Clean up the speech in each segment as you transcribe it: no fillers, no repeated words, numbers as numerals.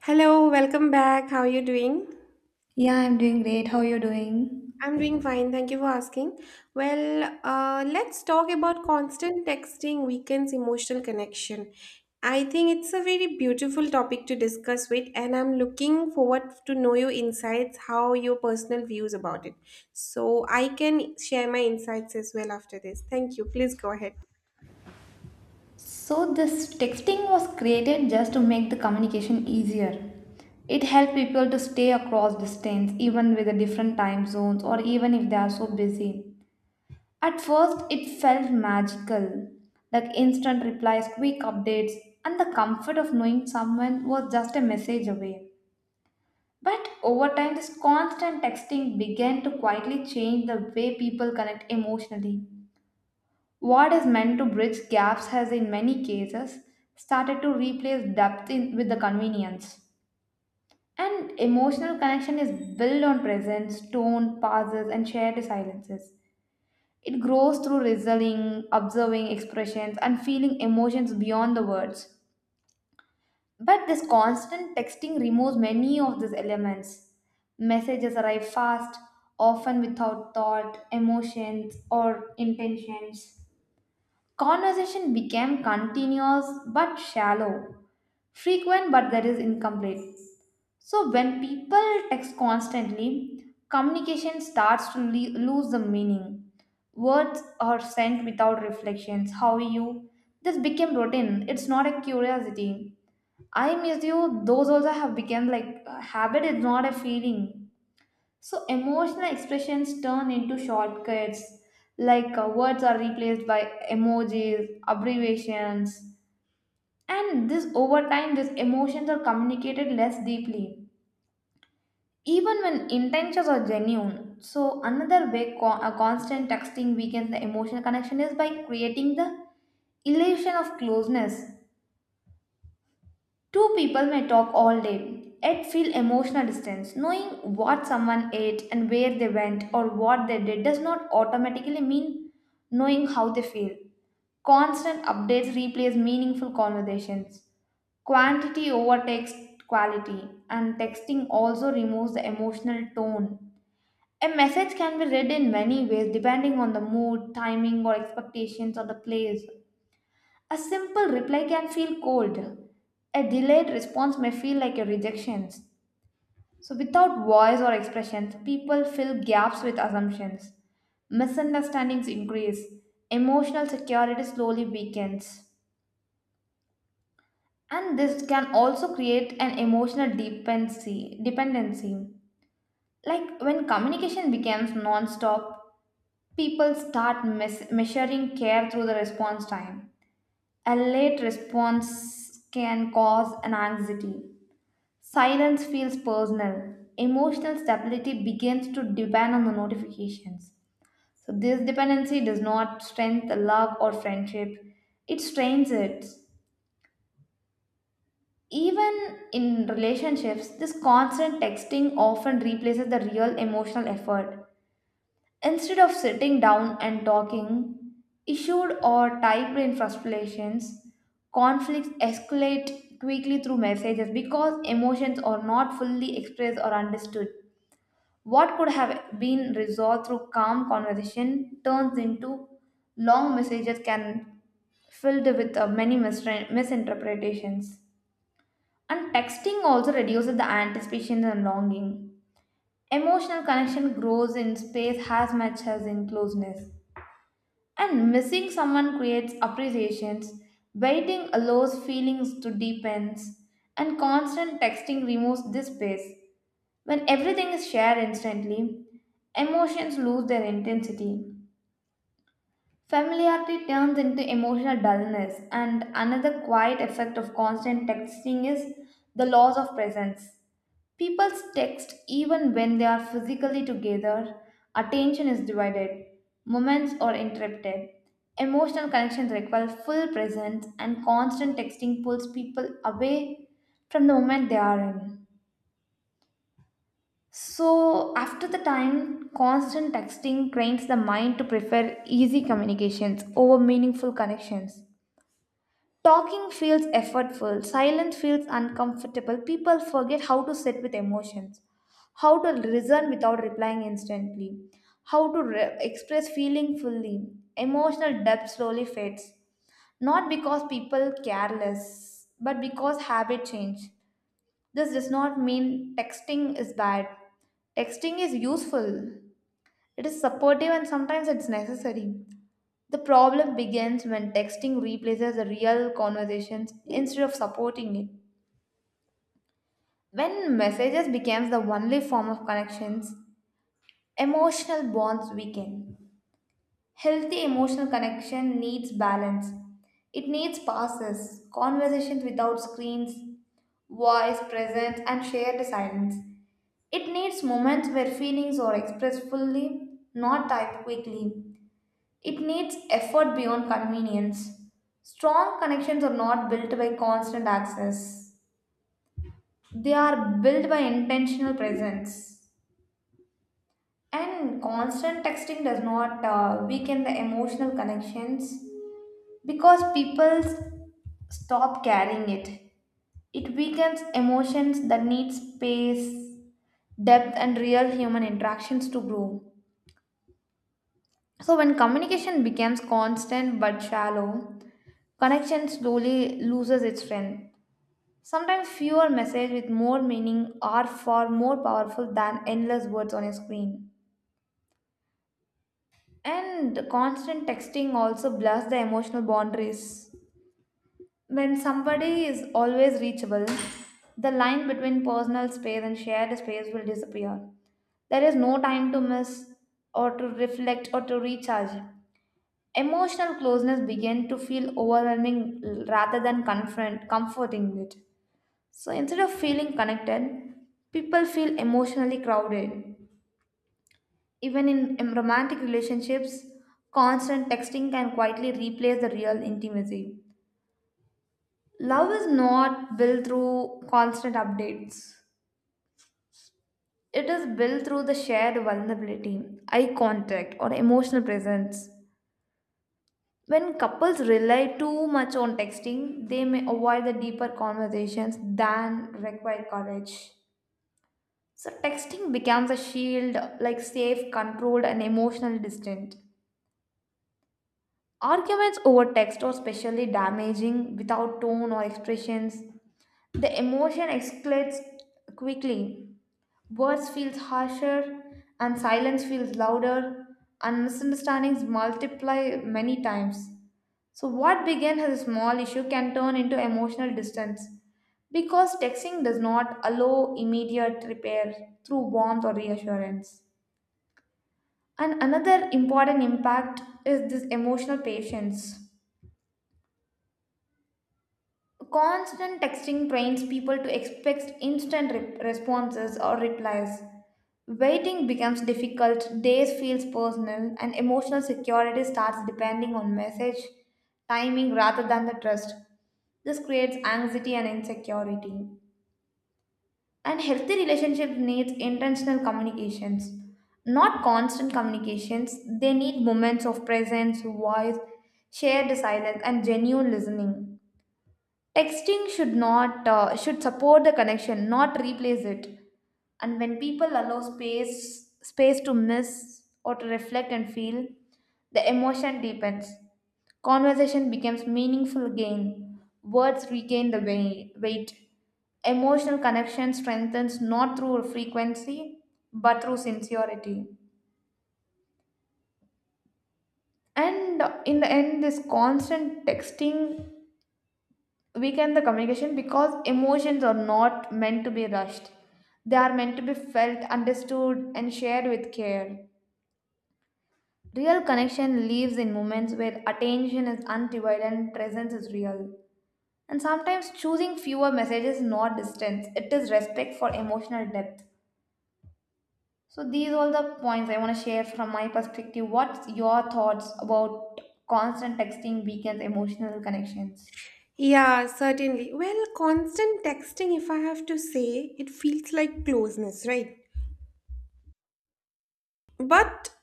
Hello, welcome back. How are you doing? Yeah, I'm doing great. How are you doing? I'm doing fine. Thank you for asking. Well, let's talk about constant texting weakens emotional connection. I think it's a very beautiful topic to discuss with, and I'm looking forward to know your insights, how your personal views about it. So I can share my insights as well after this. Thank you. Please go ahead. This texting was created just to make the communication easier. It helped people to stay across distance, even with the different time zones, or even if they are so busy. At first, it felt magical like instant replies, quick updates, and the comfort of knowing someone was just a message away. But over time, this constant texting began to quietly change the way people connect emotionally. What is meant to bridge gaps has, in many cases, started to replace depth in, with the convenience. And emotional connection is built on presence, tone, pauses, and shared silences. It grows through listening, observing expressions, and feeling emotions beyond the words. But this constant texting removes many of these elements. Messages arrive fast, often without thought, emotions, or intentions. Conversation became continuous but shallow, frequent but there is incomplete. So when people text constantly, communication starts to lose the meaning. Words are sent without reflections. How are you? This became routine. It's not a curiosity. I miss you. Those also have become like a habit. It's not a feeling. So emotional expressions turn into shortcuts, like words are replaced by emojis, abbreviations, and this over time, these emotions are communicated less deeply, even when intentions are genuine. So another way constant texting weakens the emotional connection is by creating the illusion of closeness. Two people may talk all day, yet feel emotional distance. Knowing what someone ate and where they went or what they did does not automatically mean knowing how they feel. Constant updates replace meaningful conversations. Quantity overtakes quality, and texting also removes the emotional tone. A message can be read in many ways depending on the mood, timing, or expectations of the place. A simple reply can feel cold. A delayed response may feel like a rejection. So, without voice or expressions, people fill gaps with assumptions. Misunderstandings increase. Emotional security slowly weakens. And this can also create an emotional dependency. Like when communication becomes non stop, people start measuring care through the response time. A late response can cause an anxiety. Silence feels personal. Emotional stability begins to depend on the notifications. So, this dependency does not strengthen love or friendship, it strains it. Even in relationships, this constant texting often replaces the real emotional effort. Instead of sitting down and talking, issued or typewritten frustrations, conflicts escalate quickly through messages because emotions are not fully expressed or understood. What could have been resolved through calm conversation turns into long messages can filled with many misinterpretations. And texting also reduces the anticipation and longing. Emotional connection grows in space as much as in closeness. And missing someone creates appreciations, waiting allows feelings to deepen, and constant texting removes this space. When everything is shared instantly, emotions lose their intensity. Familiarity turns into emotional dullness, and another quiet effect of constant texting is the loss of presence. People text even when they are physically together. Attention is divided, moments are interrupted. Emotional connections require full presence, and constant texting pulls people away from the moment they are in. So, after the time, constant texting trains the mind to prefer easy communications over meaningful connections. Talking feels effortful, silence feels uncomfortable. People forget how to sit with emotions, how to listen without replying instantly, how to express feeling fully. Emotional depth slowly fades, not because people care less, but because habit change. This does not mean texting is bad. Texting is useful. It is supportive and sometimes it's necessary. The problem begins when texting replaces the real conversations instead of supporting it. When messages becomes the only form of connections, emotional bonds weaken. Healthy emotional connection needs balance. It needs pauses, conversations without screens, voice presence and shared silence. It needs moments where feelings are expressed fully, not typed quickly. It needs effort beyond convenience. Strong connections are not built by constant access, they are built by intentional presence. And constant texting does not weaken the emotional connections because people stop carrying it. It weakens emotions that need space, depth, and real human interactions to grow. So, when communication becomes constant but shallow, connection slowly loses its strength. Sometimes fewer messages with more meaning are far more powerful than endless words on a screen. And constant texting also blurs the emotional boundaries. When somebody is always reachable, the line between personal space and shared space will disappear. There is no time to miss or to reflect or to recharge. Emotional closeness begins to feel overwhelming rather than confront comforting it. So instead of feeling connected, people feel emotionally crowded. Even in romantic relationships, constant texting can quietly replace the real intimacy. Love is not built through constant updates. It is built through the shared vulnerability, eye contact, or emotional presence. When couples rely too much on texting, they may avoid the deeper conversations than require courage. So texting becomes a shield, like safe, controlled, and emotionally distant. Arguments over text are especially damaging without tone or expressions. The emotion escalates quickly. Words feels harsher, and silence feels louder, and misunderstandings multiply many times. So what began as a small issue can turn into emotional distance because texting does not allow immediate repair through warmth or reassurance. And another important impact is this emotional patience. Constant texting trains people to expect instant responses or replies. Waiting becomes difficult, days feels personal, and emotional security starts depending on message timing rather than the trust. This creates anxiety and insecurity. And healthy relationship needs intentional communications, not constant communications. They need moments of presence, voice, shared silence, and genuine listening. Texting should not should support the connection, not replace it. And when people allow space to miss or to reflect and feel the emotion deepens, conversation becomes meaningful again, words regain the weight. Emotional connection strengthens not through frequency but through sincerity. And in the end, this constant texting weaken the communication because emotions are not meant to be rushed, they are meant to be felt, understood and shared with care. Real connection lives in moments where attention is undivided and presence is real. And sometimes choosing fewer messages is not distance, it is respect for emotional depth. So these all the points I want to share from my perspective. What's your thoughts about constant texting weakens emotional connections? Yeah, certainly. Well, constant texting, if I have to say, it feels like closeness, right? But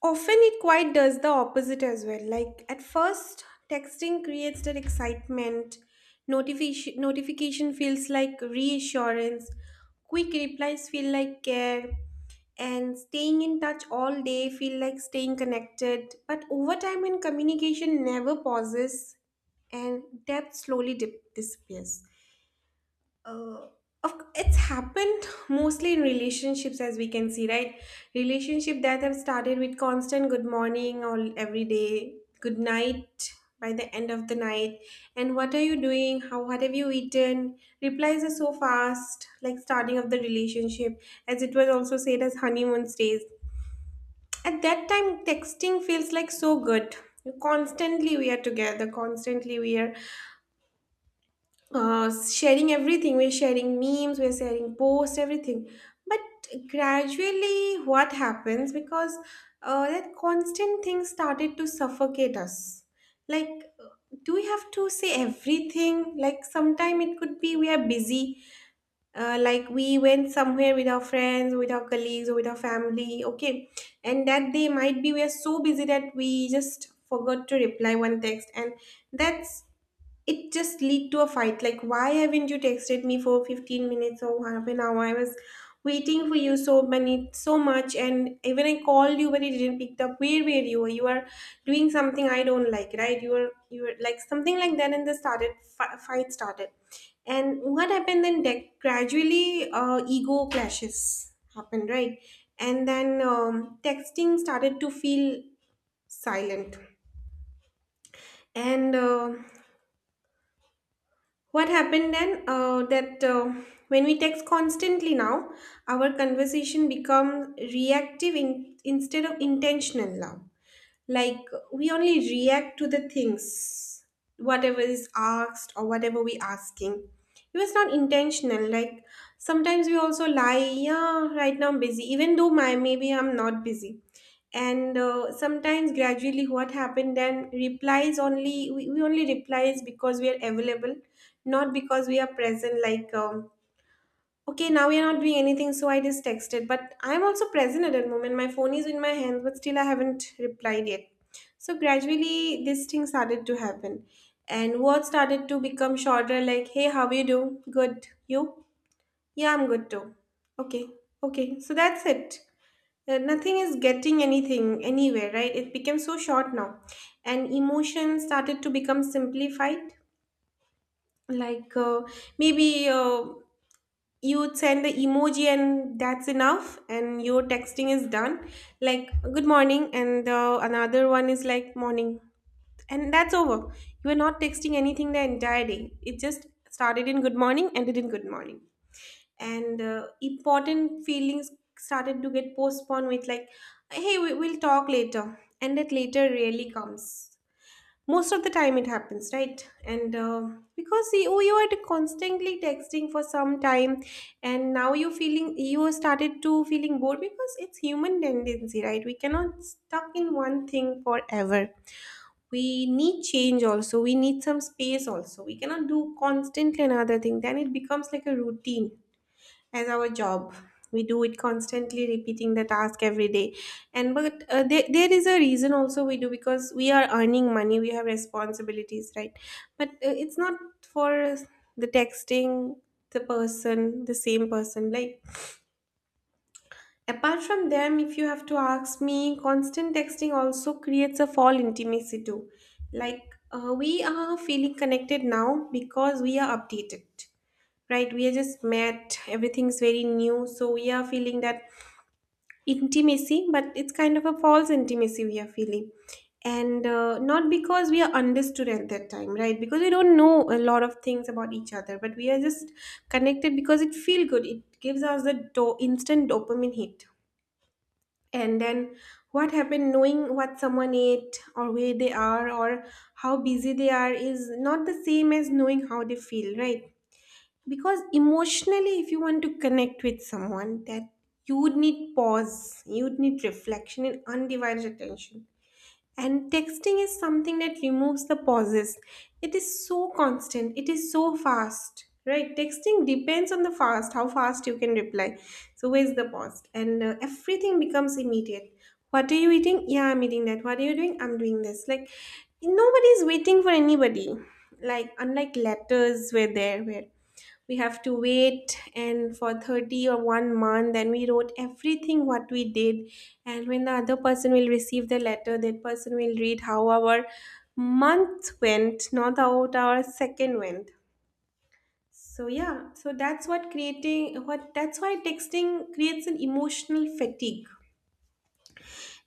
often it quite does the opposite as well. Like at first, texting creates that excitement. Notification feels like reassurance. Quick replies feel like care. And staying in touch all day feel like staying connected. But over time when communication never pauses and depth slowly disappears, uh, it's happened mostly in relationships as we can see, right? Relationship that have started with constant good morning or every day good night by the end of the night, and what are you doing, how what have you eaten, replies are so fast like starting of the relationship, as it was also said as honeymoon stays. At that time texting feels like so good, constantly we are together, constantly we are sharing everything. We're sharing memes, we're sharing posts, everything. But gradually, what happens? Because that constant thing started to suffocate us. Like, do we have to say everything? Like, sometime it could be we are busy. Like, we went somewhere with our friends, with our colleagues, or with our family. Okay. And that day might be we are so busy that we just forgot to reply one text. And that's, it just lead to a fight like, why haven't you texted me for 15 minutes or half an hour? I was waiting for you so many, so much, and even I called you but you didn't pick up. Where were you? You are doing something I don't like, right? You were like something like that, and the started fight started. And what happened then? Gradually, ego clashes happened, right? And then texting started to feel silent. And what happened then? That when we text constantly now, our conversation becomes reactive instead of intentional now. Like, we only react to the things, whatever is asked or whatever we asking, it was not intentional. Like sometimes we also lie, yeah, right now I'm busy even though my, maybe I'm not busy. And sometimes gradually what happened then, replies only, we only replies because we are available, not because we are present. Like okay, now we are not doing anything, so I just texted. But I'm also present at that moment. My phone is in my hands, but still I haven't replied yet. So gradually, this thing started to happen, and words started to become shorter. Like, hey, how you do? Good. You? Yeah, I'm good too. Okay. Okay. So that's it. Nothing is getting anything anywhere, right? It became so short now, and emotion started to become simplified. Like, maybe. You would send the emoji and that's enough and your texting is done. Like good morning, and another one is like morning, and that's over. You are not texting anything the entire day, it just started in good morning, ended in good morning. And important feelings started to get postponed with like, hey, we'll talk later. And that later really comes most of the time, it happens, right? And because you were constantly texting for some time, and now you feeling, you started to feeling bored because it's human tendency, right? We cannot stuck in one thing forever, we need change also, we need some space also, we cannot do constantly another thing, then it becomes like a routine, as our job. We do it constantly, repeating the task every day. And but there is a reason also we do, because we are earning money, we have responsibilities, right? But it's not for the texting, the person, the same person. Like apart from them, if you have to ask me, constant texting also creates a fall intimacy too. Like we are feeling connected now because we are updated, right? We are just met, everything's very new, so we are feeling that intimacy, but it's kind of a false intimacy we are feeling. And not because we are understood at that time, right? Because we don't know a lot of things about each other, but we are just connected because it feels good, it gives us the instant dopamine hit. And then what happened? Knowing what someone ate or where they are or how busy they are is not the same as knowing how they feel, right? Because emotionally, if you want to connect with someone, that you would need pause, you would need reflection and undivided attention. And texting is something that removes the pauses, it is so constant, it is so fast, right? Texting depends on the fast, how fast you can reply. So where's the pause? And everything becomes immediate. What are you eating? Yeah, I'm eating that. What are you doing? I'm doing this. Like, nobody is waiting for anybody, like unlike letters were there, where we have to wait and for 30 or one month, then we wrote everything what we did. And when the other person will receive the letter, that person will read how our month went, not how our second went. So yeah, so that's what creating what, that's why texting creates an emotional fatigue.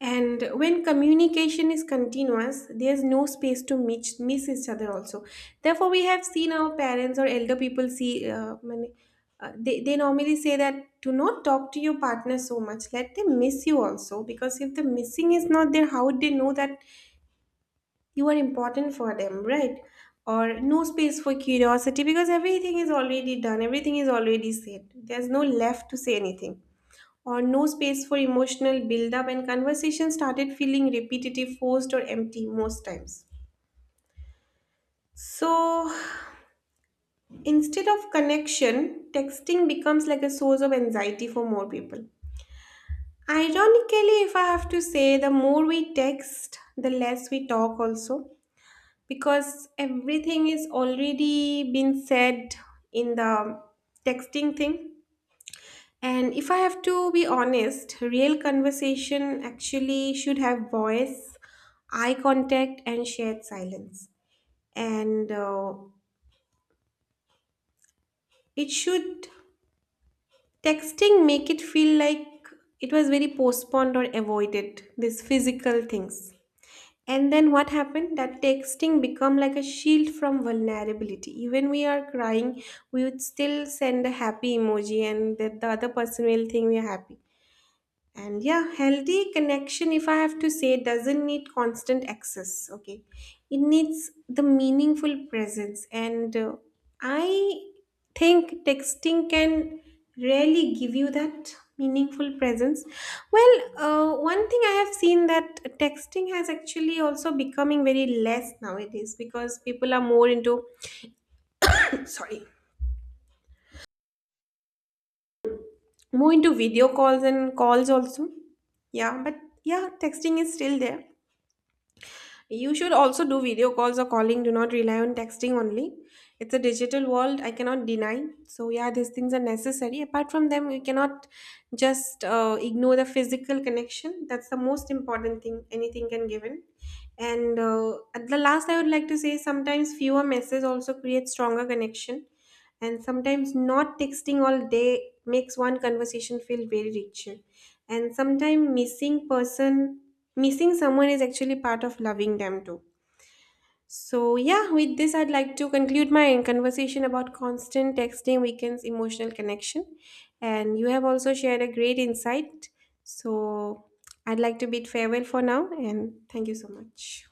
And when communication is continuous, there's no space to miss each other also. Therefore, we have seen our parents or elder people see, they normally say that do not talk to your partner so much. Let them miss you also, because if the missing is not there, how would they know that you are important for them, right? Or no space for curiosity, because everything is already done, everything is already said. There's no left to say anything, or no space for emotional build up, and conversation started feeling repetitive, forced, or empty most times. So instead of connection, texting becomes like a source of anxiety for more people. Ironically, if I have to say, the more we text, the less we talk also, because everything is already been said in the texting thing. And if I have to be honest, real conversation actually should have voice, eye contact, and shared silence. And it should, texting make it feel like it was very postponed or avoided, these physical things. And then what happened? That texting become like a shield from vulnerability. Even we are crying, we would still send a happy emoji and the other person will think we are happy. And yeah, healthy connection, if I have to say, doesn't need constant access. Okay. It needs the meaningful presence. And I think texting can really give you that meaningful presence. Well, one thing I have seen that texting has actually also becoming very less nowadays because people are more into, sorry, more into video calls and calls also. Yeah. But yeah, texting is still there. You should also do video calls or calling. Do not rely on texting only. It's a digital world, I cannot deny. So yeah, these things are necessary. Apart from them, we cannot just ignore the physical connection. That's the most important thing anything can give in. And at the last, I would like to say sometimes fewer messages also create stronger connection. And sometimes not texting all day makes one conversation feel very richer. And sometimes missing person missing someone is actually part of loving them too. So yeah, with this I'd like to conclude my conversation about constant texting weakens emotional connection. And you have also shared a great insight. So I'd like to bid farewell for now, and thank you so much.